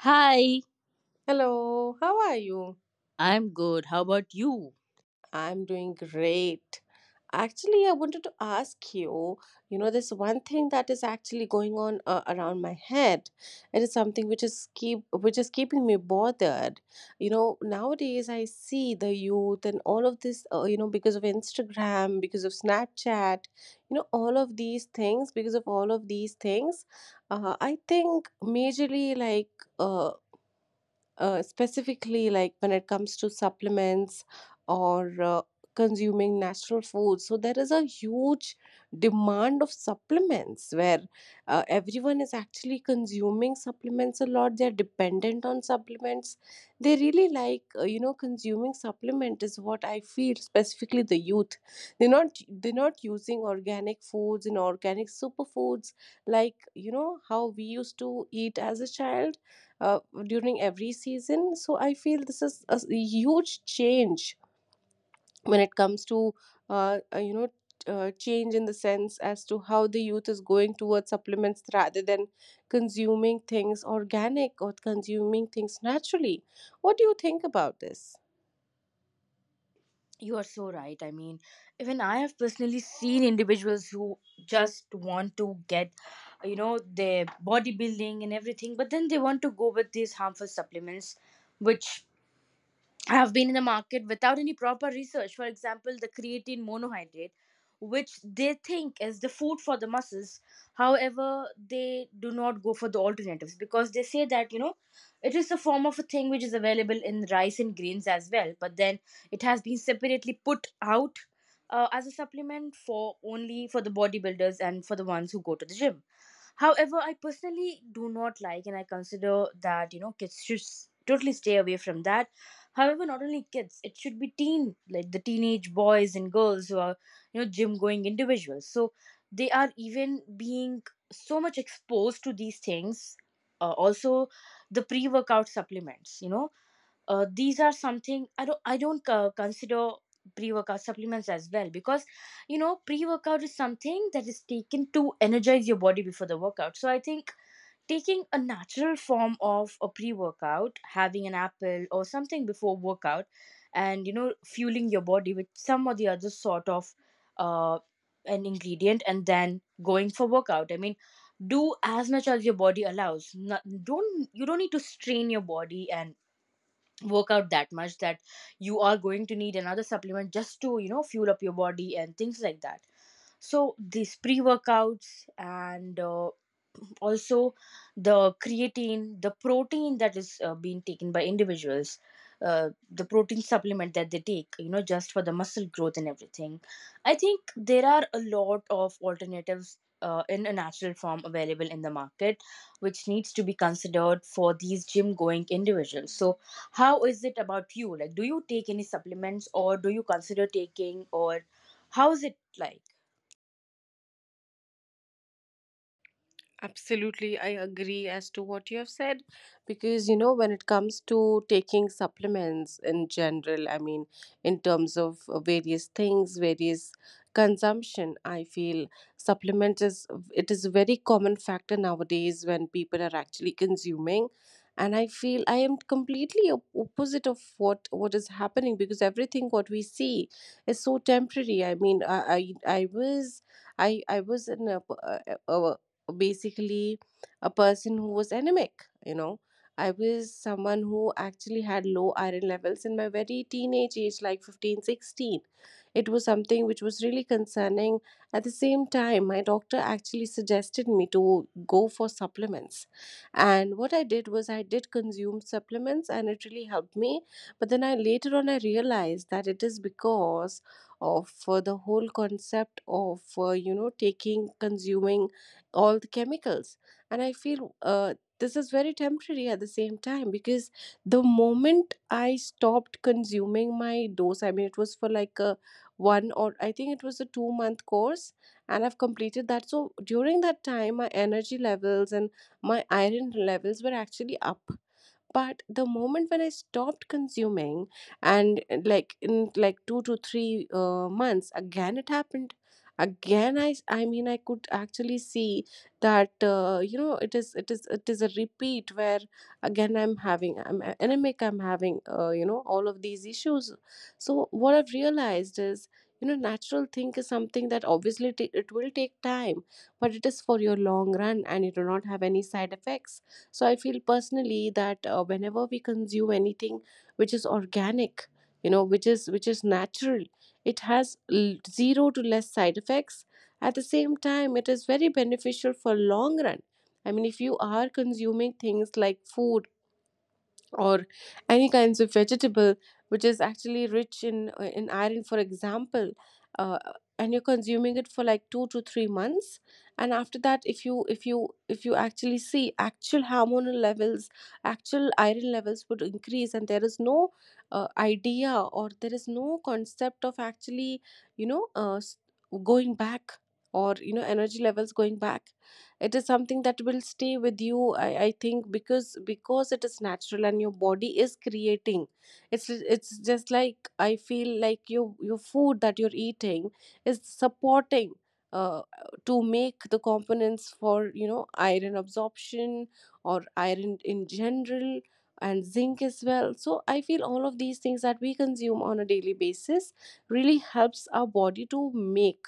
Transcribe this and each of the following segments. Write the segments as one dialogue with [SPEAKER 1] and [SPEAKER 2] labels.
[SPEAKER 1] Hi,
[SPEAKER 2] Hello, how are you?
[SPEAKER 1] I'm good. How about you?
[SPEAKER 2] I'm doing great. Actually, I wanted to ask you, you know, there's one thing that is actually going on around my head. It is something which is keeping me bothered. You know, nowadays I see the youth and all of this, you know, because of Instagram, because of Snapchat, you know, all of these things, I think majorly like uh, specifically like when it comes to supplements or consuming natural food, so there is a huge demand of supplements where everyone is actually consuming supplements a lot. They are dependent on supplements. They really like you know, consuming supplement is what I feel. Specifically, the youth, they're not using organic foods and organic superfoods, like you know how we used to eat as a child, uh, during every season. So I feel this is a huge change when it comes to uh, uh, you know change, in the sense as to how the youth is going towards supplements rather than consuming things organic or consuming things naturally. What do you think about this?
[SPEAKER 1] You are so right. I mean, even I have personally seen individuals who just want to get, you know, their bodybuilding and everything, but then they want to go with these harmful supplements, which have been in the market without any proper research. For example, the creatine monohydrate, which they think is the food for the muscles. However, they do not go for the alternatives because they say that, you know, it is a form of a thing which is available in rice and grains as well, but then it has been separately put out. As a supplement for only for the bodybuilders and for the ones who go to the gym. However, I personally do not like, and I consider that, you know, kids should totally stay away from that. However, not only kids, it should be teen, like the teenage boys and girls who are, you know, gym going individuals. So they are even being so much exposed to these things. Also, the pre-workout supplements. You know, these are something I don't consider pre-workout supplements as well, because, you know, pre-workout is something that is taken to energize your body before the workout. So I think taking a natural form of a pre-workout, having an apple or something before workout, and, you know, fueling your body with some or the other sort of uh, an ingredient, and then going for workout. I mean, do as much as your body allows. Not, don't you don't need to strain your body and work out that much that you are going to need another supplement just to, you know, fuel up your body and things like that. So these pre-workouts and also the creatine, the protein that is being taken by individuals, the protein supplement that they take, you know, just for the muscle growth and everything. I think there are a lot of alternatives in a natural form available in the market, which needs to be considered for these gym going individuals. So how is it about you? Like, do you take any supplements, or do you consider taking, or how is it like?
[SPEAKER 2] Absolutely, I agree as to what you have said, because you know, when it comes to taking supplements in general, I mean, in terms of various things, various consumption, I feel supplement is, it is a very common factor nowadays when people are actually consuming. And I feel I am completely opposite of what is happening, because everything what we see is so temporary. I mean, I was in a, basically a person who was anemic, you know. I was someone who actually had low iron levels in my very teenage age, like 15, 16. It was something which was really concerning. At the same time, my doctor actually suggested me to go for supplements, and what I did was I did consume supplements and it really helped me. But then I later on I realized that it is because of the whole concept of you know, taking, consuming all the chemicals. And I feel this is very temporary at the same time, because the moment I stopped consuming my dose, I mean, it was for like a one, or I think it was a 2 month course, and I've completed that. So during that time my energy levels and my iron levels were actually up, but the moment when I stopped consuming, and like in like 2 to 3 months, again it happened. I mean, I could actually see that you know, it is it is a repeat where again I'm having, anemic, I'm having you know, all of these issues. So what I've realized is, you know, natural thing is something that obviously it will take time, but it is for your long run and it will not have any side effects. So I feel personally that whenever we consume anything which is organic, you know, which is natural, it has zero to less side effects. At the same time, it is very beneficial for long run. I mean, if you are consuming things like food or any kinds of vegetable which is actually rich in iron for example, uh, and you're consuming it for like 2 to 3 months, and after that if you if you actually see, actual hormonal levels, actual iron levels would increase, and there is no idea, or there is no concept of actually, you know, going back, or you know, energy levels going back. It is something that will stay with you. I think, because it is natural and your body is creating. It's just like, I feel like, your food that you're eating is supporting, uh, to make the components for you know, iron absorption or iron in general, and zinc as well. So I feel all of these things that we consume on a daily basis really helps our body to make,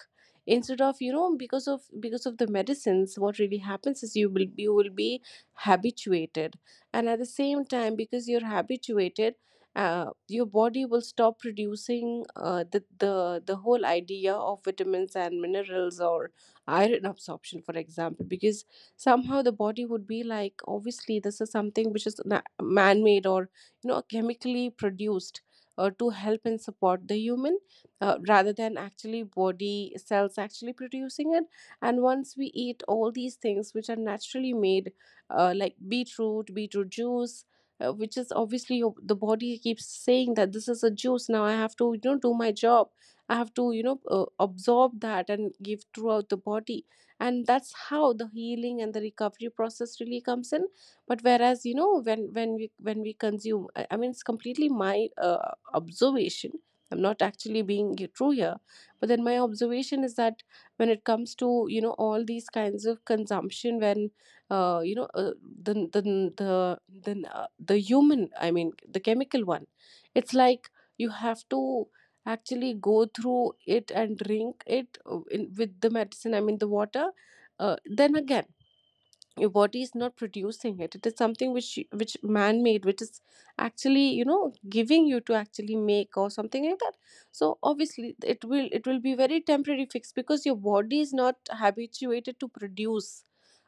[SPEAKER 2] instead of you know, because of the medicines. What really happens is, you will be habituated, and at the same time because you're habituated, your body will stop producing the whole idea of vitamins and minerals, or iron absorption for example, because somehow the body would be like, obviously this is something which is man-made, or you know, chemically produced, to help and support the human, rather than actually body cells actually producing it. And once we eat all these things which are naturally made, like beetroot juice, which is obviously the body keeps saying that this is a juice, now I have to you know do my job, I have to you know absorb that and give throughout the body, and that's how the healing and the recovery process really comes in. But whereas you know, when we consume, I mean it's completely my observation, I'm not actually being true here, but then my observation is that, when it comes to you know, all these kinds of consumption, when you know the the the the, uh, the human, I mean the chemical one, it's like, you have to actually go through it and drink it, with the medicine, I mean the water, then again your body is not producing it. It is something which which man made, which is actually you know, giving you to actually make or something like that. So obviously it will be very temporary fix, because your body is not habituated to produce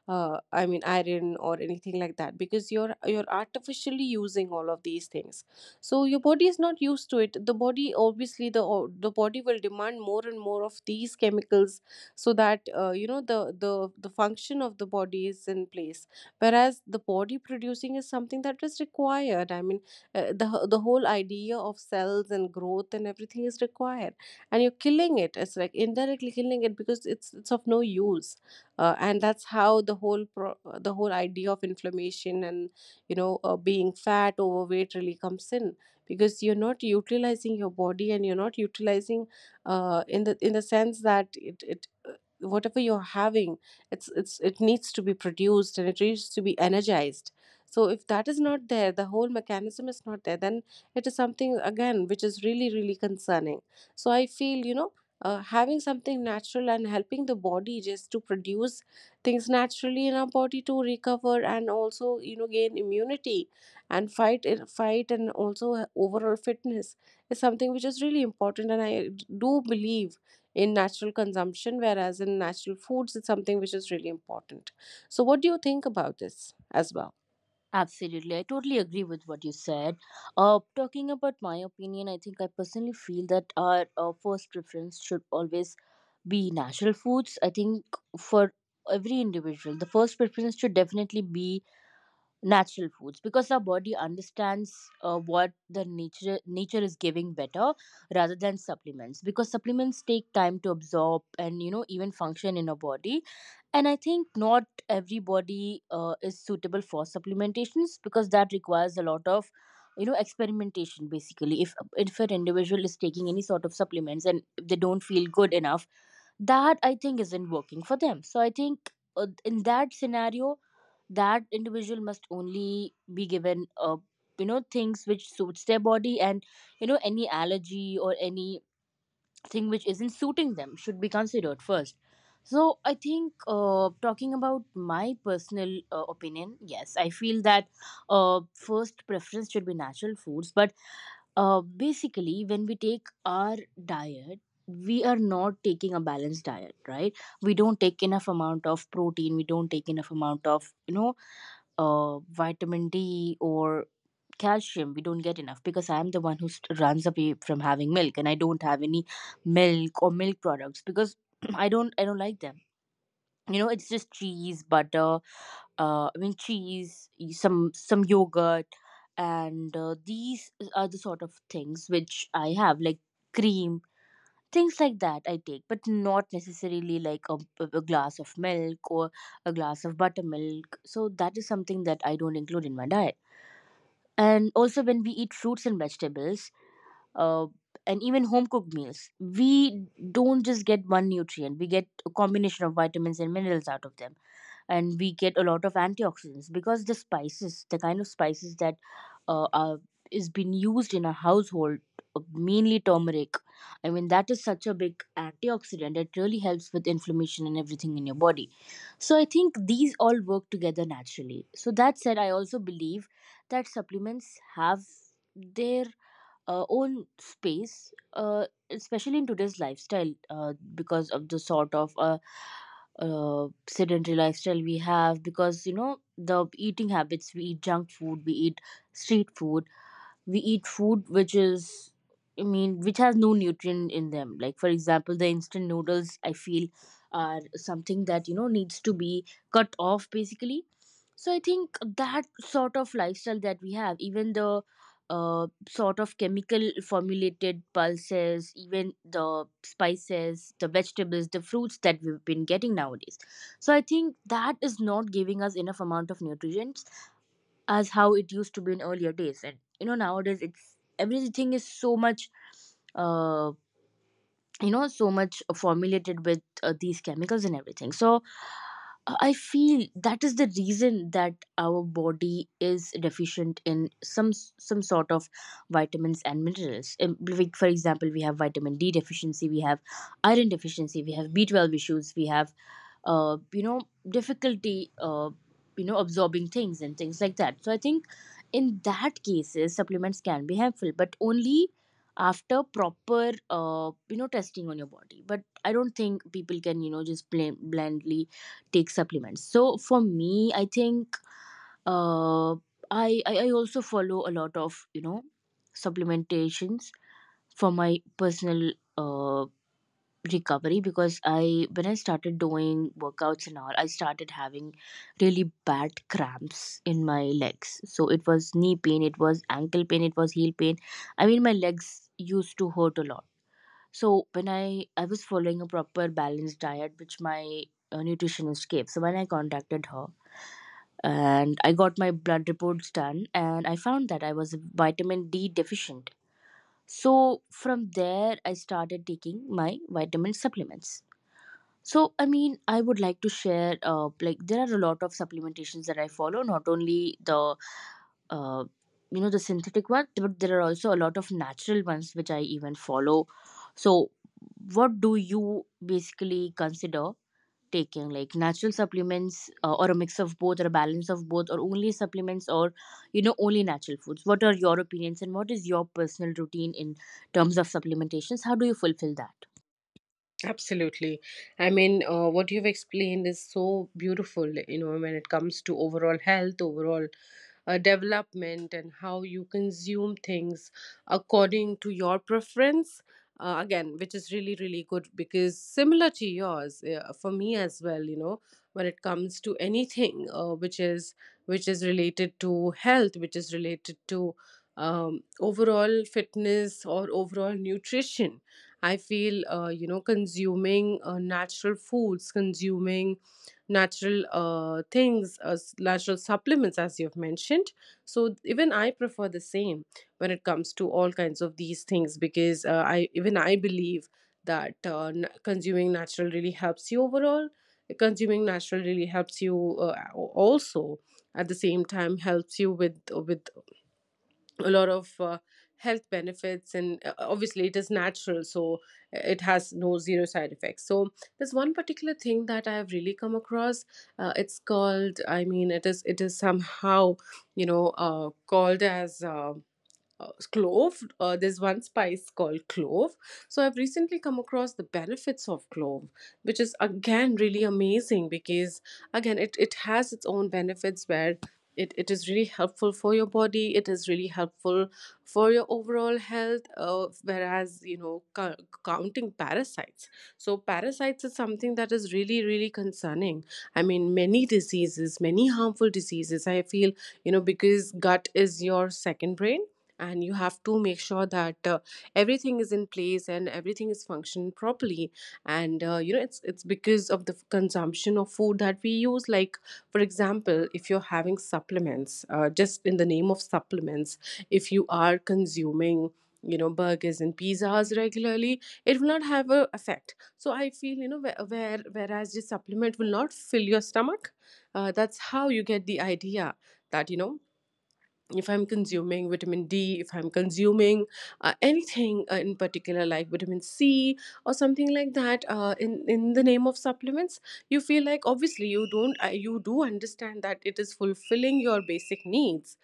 [SPEAKER 2] I mean iron or anything like that, because you're artificially using all of these things. So your body is not used to it. The body obviously, the body will demand more and more of these chemicals, so that you know, the function of the body is in place. Whereas the body producing is something that is required. I mean the whole idea of cells and growth and everything is required, and you're killing it. It's like indirectly killing it, because it's of no use. And that's how the whole idea of inflammation, and you know being fat, overweight really comes in, because you're not utilizing your body, and you're not utilizing, in the sense that, it whatever you're having, it needs to be produced and it needs to be energized. So if that is not there, the whole mechanism is not there, then it is something again which is really really concerning. So I feel you know, having something natural and helping the body just to produce things naturally in our body, to recover and also you know gain immunity and fight, and also overall fitness is something which is really important, and I do believe in natural consumption, whereas in natural foods, it's something which is really important. So, what do you think about this as well?
[SPEAKER 1] Absolutely. I totally agree with what you said. Talking about my opinion, I think I personally feel that our first preference should always be natural foods. I think for every individual, the first preference should definitely be natural foods, because our body understands what the nature is giving better rather than supplements, because supplements take time to absorb and, you know, even function in our body. And I think not everybody is suitable for supplementations, because that requires a lot of, you know, experimentation. Basically, if an individual is taking any sort of supplements and if they don't feel good enough, that I think isn't working for them. So I think, in that scenario, that individual must only be given, you know, things which suits their body, and, you know, any allergy or anything which isn't suiting them should be considered first. So I think, talking about my personal opinion, yes, I feel that, first preference should be natural foods. But, basically, when we take our diet, we are not taking a balanced diet, right? We don't take enough amount of protein, we don't take enough amount of, you know, vitamin D or calcium. We don't get enough, because I am the one who runs away from having milk, and I don't have any milk or milk products because I don't like them. You know, it's just cheese, butter, I mean cheese, some yogurt, and these are the sort of things which I have, like cream. Things like that I take, but not necessarily like a glass of milk or a glass of buttermilk. So that is something that I don't include in my diet. And also, when we eat fruits and vegetables, uh, and even home cooked meals, we don't just get one nutrient, we get a combination of vitamins and minerals out of them, and we get a lot of antioxidants, because the spices, the kind of spices that are is being used in a household, mainly turmeric. I mean, that is such a big antioxidant. It really helps with inflammation and everything in your body. So I think these all work together naturally. So that said, I also believe that supplements have their own space, especially in today's lifestyle, because of the sort of sedentary lifestyle we have. Because, you know, the eating habits, we eat junk food, we eat street food, we eat food which is, I mean, which has no nutrient in them, like, for example, the instant noodles, I feel, are something that, you know, needs to be cut off basically. So I think that sort of lifestyle that we have, even the sort of chemical formulated pulses, even the spices, the vegetables, the fruits that we've been getting nowadays. So I think that is not giving us enough amount of nutrients as how it used to be in earlier days. And, you know, nowadays, it's everything is so much uh, you know, so much formulated with these chemicals and everything. So I feel that is the reason that our body is deficient in some sort of vitamins and minerals. Like, for example, we have vitamin D deficiency, we have iron deficiency, we have B12 issues, we have, you know, difficulty, you know, absorbing things and things like that. So I think in that cases, supplements can be helpful, but only after proper, you know, testing on your body. But I don't think people can, you know, just plain, blindly take supplements. So for me, I think, uh, I also follow a lot of, you know, supplementations for my personal recovery, because I when I started doing workouts and all, I started having really bad cramps in my legs. So it was knee pain, it was ankle pain, it was heel pain. I mean, my legs used to hurt a lot. So when I was following a proper balanced diet which my nutritionist gave. So when I contacted her and I got my blood reports done, and I found that I was vitamin D deficient. So from there I started taking my vitamin supplements. So, I mean, I would like to share. Like, there are a lot of supplementations that I follow. Not only the, uh, you know, the synthetic ones, but there are also a lot of natural ones which I even follow. So, what do you basically consider taking? Like natural supplements, or a mix of both, or a balance of both, or only supplements, or, you know, only natural foods? What are your opinions, and what is your personal routine in terms of supplementations? How do you fulfill that?
[SPEAKER 2] Absolutely. I mean, what you've explained is so beautiful, you know, when it comes to overall health, overall development, and how you consume things according to your preference. Again, which is really, really good, because similar to yours, for me as well, you know, when it comes to anything which is related to health, which is related to overall fitness or overall nutrition, I feel, you know, consuming natural foods, consuming natural things, natural supplements, as you've mentioned. So even I prefer the same when it comes to all kinds of these things, because I believe that consuming natural really helps you overall. Consuming natural really helps you, also at the same time helps you with a lot of health benefits, and obviously it is natural, so it has no zero side effects. So there's one particular thing that I have really come across. It's called, I mean, it is somehow, called as clove. There's one spice called clove. So I've recently come across the benefits of clove, which is again really amazing, because again it has its own benefits, where it is really helpful for your body, it is really helpful for your overall health. Whereas, you know, counting parasites, so parasites is something that is really, really concerning. I mean, many diseases, many harmful diseases, I feel, you know, because gut is your second brain, and you have to make sure that everything is in place and everything is functioning properly. And you know, it's because of the consumption of food that we use. Like, for example, if you're having supplements, just in the name of supplements, if you are consuming, you know, burgers and pizzas regularly, it will not have a effect. So I feel, you know, whereas the supplement will not fill your stomach. That's how you get the idea that, you know, if I'm consuming vitamin d, if I'm consuming anything in particular like vitamin c or something like that, in the name of supplements, you feel like, obviously you don't, you do understand that it is fulfilling your basic needs,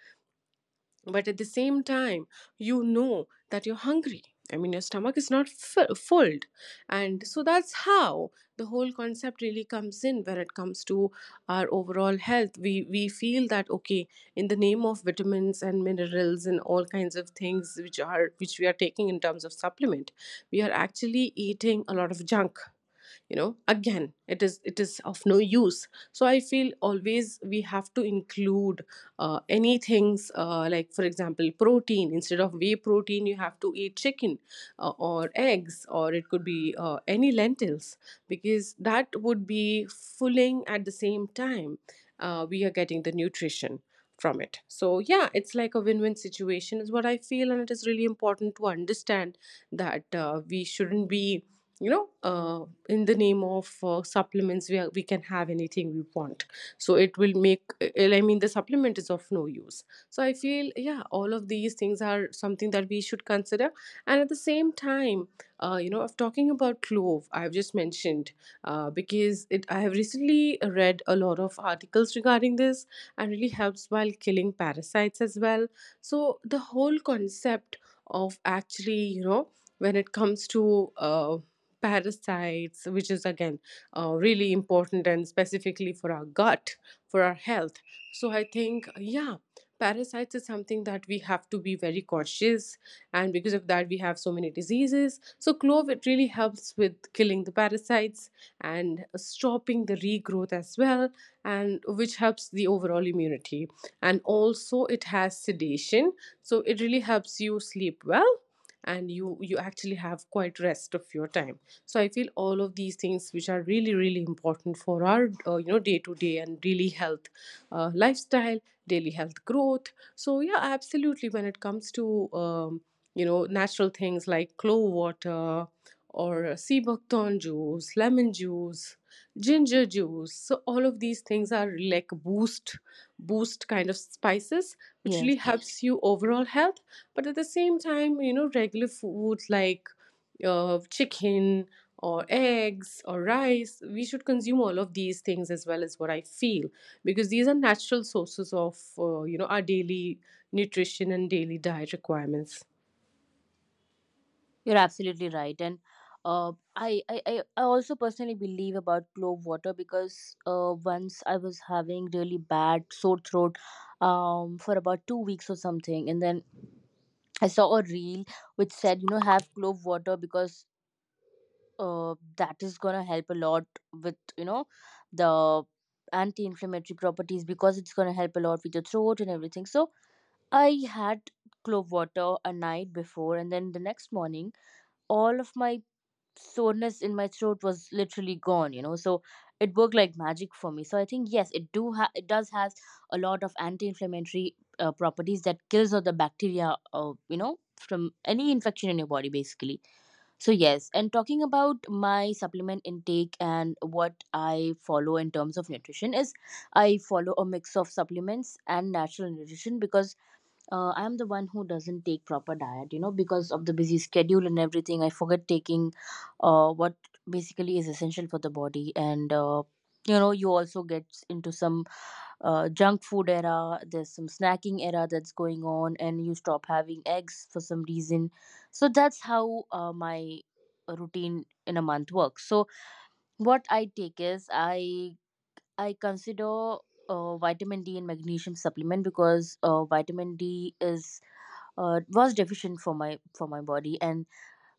[SPEAKER 2] but at the same time, you know that you're hungry. I mean, your stomach is not full. And so that's how the whole concept really comes in. When it comes to our overall health, we feel that, okay, in the name of vitamins and minerals and all kinds of things, which are, which we are taking in terms of supplement, we are actually eating a lot of junk. You know, again, it is of no use. So I feel, always we have to include any things, like for example protein, instead of whey protein, you have to eat chicken, or eggs, or it could be any lentils, because that would be fulfilling. At the same time, we are getting the nutrition from it. So yeah, it's like a win-win situation is what I feel, and it is really important to understand that we shouldn't be, in the name of supplements, we, are, we can have anything we want, so it will make I mean, the supplement is of no use. So I feel, yeah, all of these things are something that we should consider. And at the same time, you know, of talking about clove, I've just mentioned, because it, I have recently read a lot of articles regarding this, and really helps while killing parasites as well. So the whole concept of actually, you know, when it comes to parasites, which is again really important, and specifically for our gut, for our health. So I think, yeah, parasites is something that we have to be very cautious, and because of that, we have so many diseases. So clove, it really helps with killing the parasites and stopping the regrowth as well, and which helps the overall immunity. And also, it has sedation, so it really helps you sleep well, and you actually have quite rest of your time. So I feel all of these things, which are really, really important for our, you know, day to day and daily health, lifestyle, daily health growth. So yeah, absolutely, when it comes to you know, natural things like clove water or sea buckthorn juice, lemon juice, ginger juice, so all of these things are like boost, kind of spices, which
[SPEAKER 1] Yes.
[SPEAKER 2] really helps you overall health. But at the same time, you know, regular food like chicken or eggs or rice, we should consume all of these things as well, as what I feel, because these are natural sources of you know, our daily nutrition and daily diet requirements.
[SPEAKER 1] You're absolutely right, and uh, I also personally believe about clove water, because once I was having really bad sore throat, for about 2 weeks or something, and then I saw a reel which said, you know, have clove water, because that is gonna help a lot with, you know, the anti-inflammatory properties, because it's gonna help a lot with your throat and everything. So I had clove water a night before, and then the next morning, all of my soreness in my throat was literally gone. So it worked like magic for me. So I think, yes, it does has a lot of anti-inflammatory properties that kills all the bacteria, from any infection in your body, basically. So yes. And talking about my supplement intake and what I follow in terms of nutrition is, I follow a mix of supplements and natural nutrition, because I'm the one who doesn't take proper diet because of the busy schedule, and everything I forget taking what basically is essential for the body. And you also get into some junk food era. There's some snacking era that's going on, and you stop having eggs for some reason. So that's how my routine in a month works. So what I take is, I consider vitamin D and magnesium supplement, because vitamin D is, was deficient for my body. And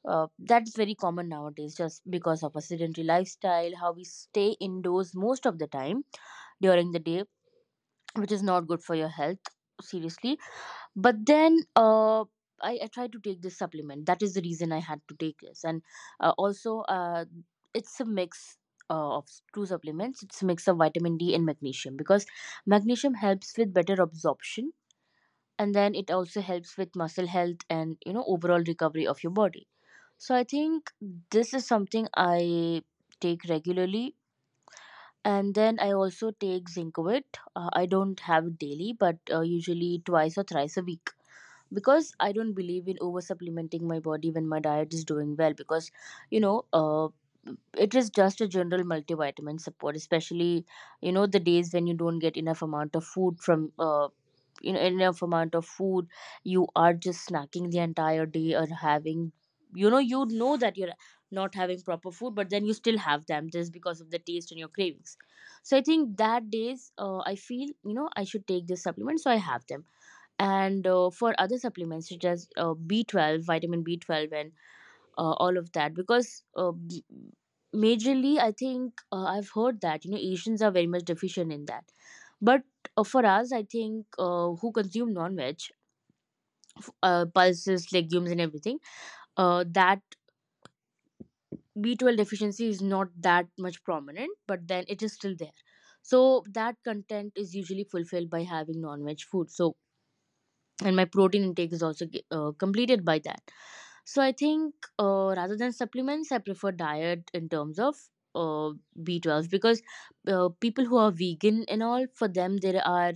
[SPEAKER 1] that's very common nowadays, just because of a sedentary lifestyle, how we stay indoors most of the time during the day, which is not good for your health, seriously. But then I tried to take this supplement. That is the reason I had to take this. And also it's a mix of two supplements. It's a mix of vitamin D and magnesium, because magnesium helps with better absorption, and then it also helps with muscle health and, you know, overall recovery of your body. So I think this is something I take regularly. And then I also take zincovit. I don't have it daily, but usually twice or thrice a week, because I don't believe in over supplementing my body when my diet is doing well. Because, you know uh, it is just a general multivitamin support, especially, you know, the days when you don't get enough amount of food from, enough amount of food. You are just snacking the entire day or having. You know that you're not having proper food, but then you still have them just because of the taste and your cravings. So I think that days, I feel, I should take this supplement, so I have them. And for other supplements such as B12, vitamin B12 and all of that, because majorly, I think, I've heard that, Asians are very much deficient in that. But for us, I think, who consume non-veg, pulses, legumes and everything, that B12 deficiency is not that much prominent, but then it is still there. So that content is usually fulfilled by having non-veg food. So, and my protein intake is also completed by that. So I think, rather than supplements, I prefer diet in terms of uh, B12, because people who are vegan and all, for them, there are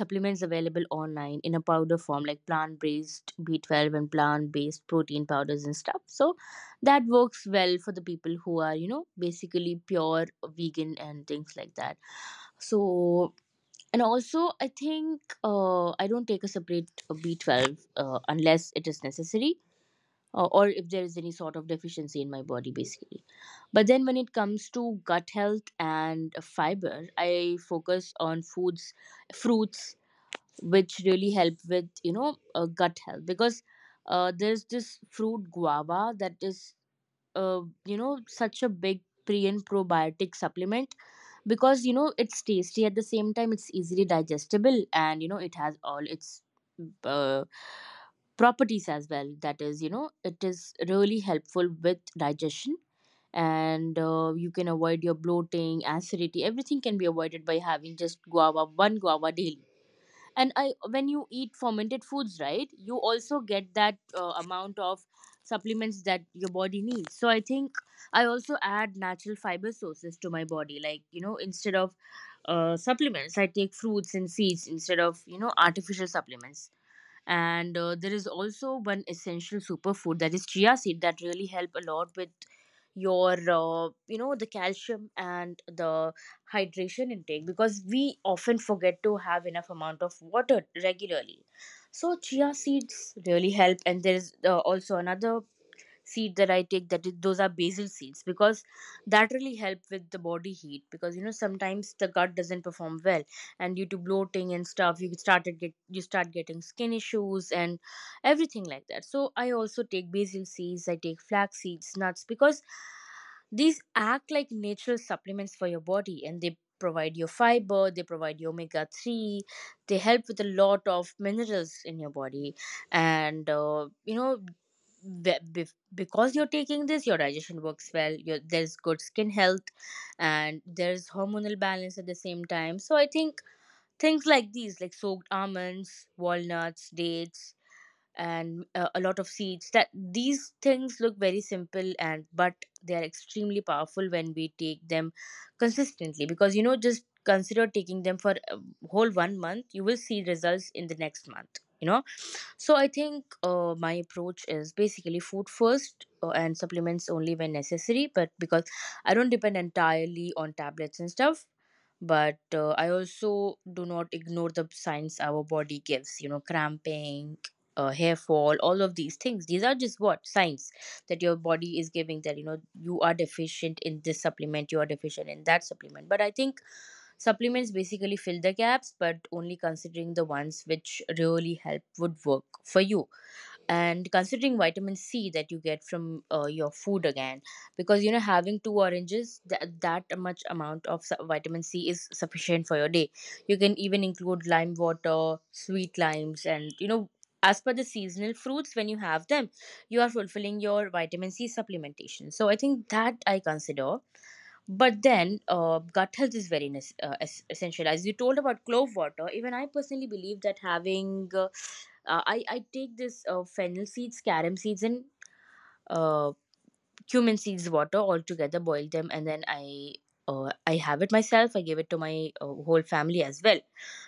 [SPEAKER 1] supplements available online in a powder form, like plant based B12 and plant based protein powders and stuff. So that works well for the people who are, basically pure vegan and things like that. So, and also, I think, I don't take a separate B12 unless it is necessary, or if there is any sort of deficiency in my body, basically. But then, when it comes to gut health and fiber, I focus on foods, fruits, which really help with, gut health, because there's this fruit guava that is, such a big pre and probiotic supplement, because, it's tasty. At the same time, it's easily digestible, and, it has all its uh, properties as well. That is, it is really helpful with digestion. And you can avoid your bloating, acidity. Everything can be avoided by having just guava, one guava daily. And when you eat fermented foods, right, you also get that amount of supplements that your body needs. So I think I also add natural fiber sources to my body, like, instead of supplements, I take fruits and seeds, instead of, artificial supplements. And there is also one essential superfood, that is chia seed, that really help a lot with your, the calcium and the hydration intake, because we often forget to have enough amount of water regularly. So chia seeds really help. And there is, also another seed that I take, those are basil seeds, because that really help with the body heat, because, you know, sometimes the gut doesn't perform well, and due to bloating and stuff, you start getting skin issues and everything like that. So I also take basil seeds, I take flax seeds, nuts, because these act like natural supplements for your body, and they provide your fiber, they provide your omega 3, they help with a lot of minerals in your body. And be- because you're taking this, your digestion works well, there's good skin health, and there's hormonal balance at the same time. So I think things like these, like soaked almonds, walnuts, dates, and a lot of seeds, that these things look very simple and, but they are extremely powerful when we take them consistently. Because, just consider taking them for a whole one month you will see results in the next month. So I think, my approach is basically food first, and supplements only when necessary. But because I don't depend entirely on tablets and stuff, but I also do not ignore the signs our body gives, cramping, hair fall, all of these things. These are just what, signs that your body is giving, that, you are deficient in this supplement, you are deficient in that supplement. But I think supplements basically fill the gaps, but only considering the ones which really help would work for you. And considering vitamin C, that you get from your food again, because, having two oranges, that much amount of vitamin C is sufficient for your day. You can even include lime water, sweet limes, and, as per the seasonal fruits, when you have them, you are fulfilling your vitamin C supplementation. So I think that I consider. But then, gut health is very essential. As you told about clove water, even I personally believe that having, I take this, fennel seeds, carom seeds, and uh, cumin seeds water all together, boil them, and then I have it myself. I give it to my whole family as well,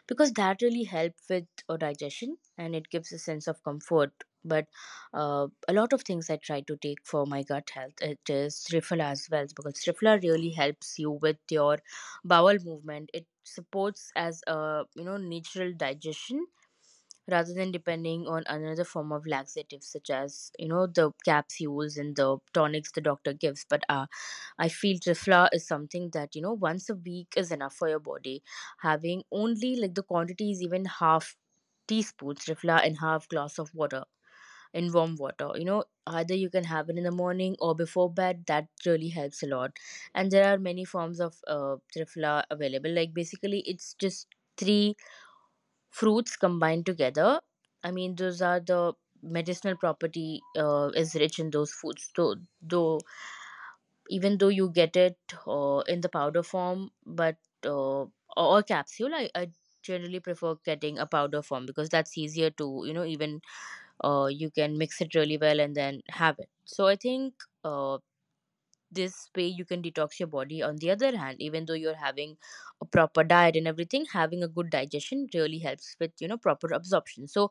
[SPEAKER 1] because that really helps with digestion, and it gives a sense of comfort. But a lot of things I try to take for my gut health. It is Trifla as well, because Trifla really helps you with your bowel movement. It supports as a, natural digestion, rather than depending on another form of laxatives, such as, the capsules and the tonics the doctor gives. But I feel trifla is something that, once a week is enough for your body, having only like the quantity is even half teaspoons trifla and half glass of water, in warm water, either you can have it in the morning or before bed. That really helps a lot. And there are many forms of trifla available, like, basically, it's just three fruits combined together. I mean, those are the medicinal property is rich in those foods. Though Even though you get it in the powder form, but uh, or capsule, I generally prefer getting a powder form, because that's easier to, you know even you can mix it really well and then have it. So I think. Uh, this way you can detox your body. On the other hand, even though you're having a proper diet and everything, having a good digestion really helps with, proper absorption. So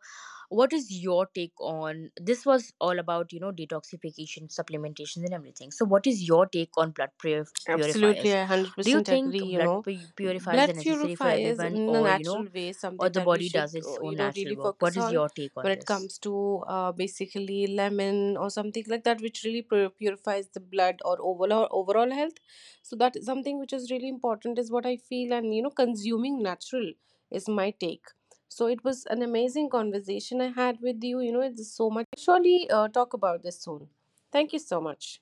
[SPEAKER 1] what is your take on this? Was all about, detoxification, supplementations, and everything. So what is your take on blood
[SPEAKER 2] Absolutely,
[SPEAKER 1] purifiers?
[SPEAKER 2] I
[SPEAKER 1] Do you
[SPEAKER 2] 100%
[SPEAKER 1] think
[SPEAKER 2] agree. You
[SPEAKER 1] blood
[SPEAKER 2] know,
[SPEAKER 1] purifiers
[SPEAKER 2] blood
[SPEAKER 1] are necessary for
[SPEAKER 2] purifiers
[SPEAKER 1] everyone,
[SPEAKER 2] in a
[SPEAKER 1] or you know
[SPEAKER 2] natural way,
[SPEAKER 1] or
[SPEAKER 2] something
[SPEAKER 1] the
[SPEAKER 2] that we
[SPEAKER 1] body does
[SPEAKER 2] should,
[SPEAKER 1] its
[SPEAKER 2] you
[SPEAKER 1] own
[SPEAKER 2] know,
[SPEAKER 1] natural
[SPEAKER 2] really
[SPEAKER 1] work?
[SPEAKER 2] focus
[SPEAKER 1] What is
[SPEAKER 2] on
[SPEAKER 1] your take on
[SPEAKER 2] when it
[SPEAKER 1] this?
[SPEAKER 2] comes to basically lemon or something like that, which really purifies the blood, or overall, overall health. So that is something which is really important, is what I feel. And you know, consuming natural is my take. So, it was an amazing conversation I had with you. You know, it's so much. Surely talk about this soon. Thank you so much.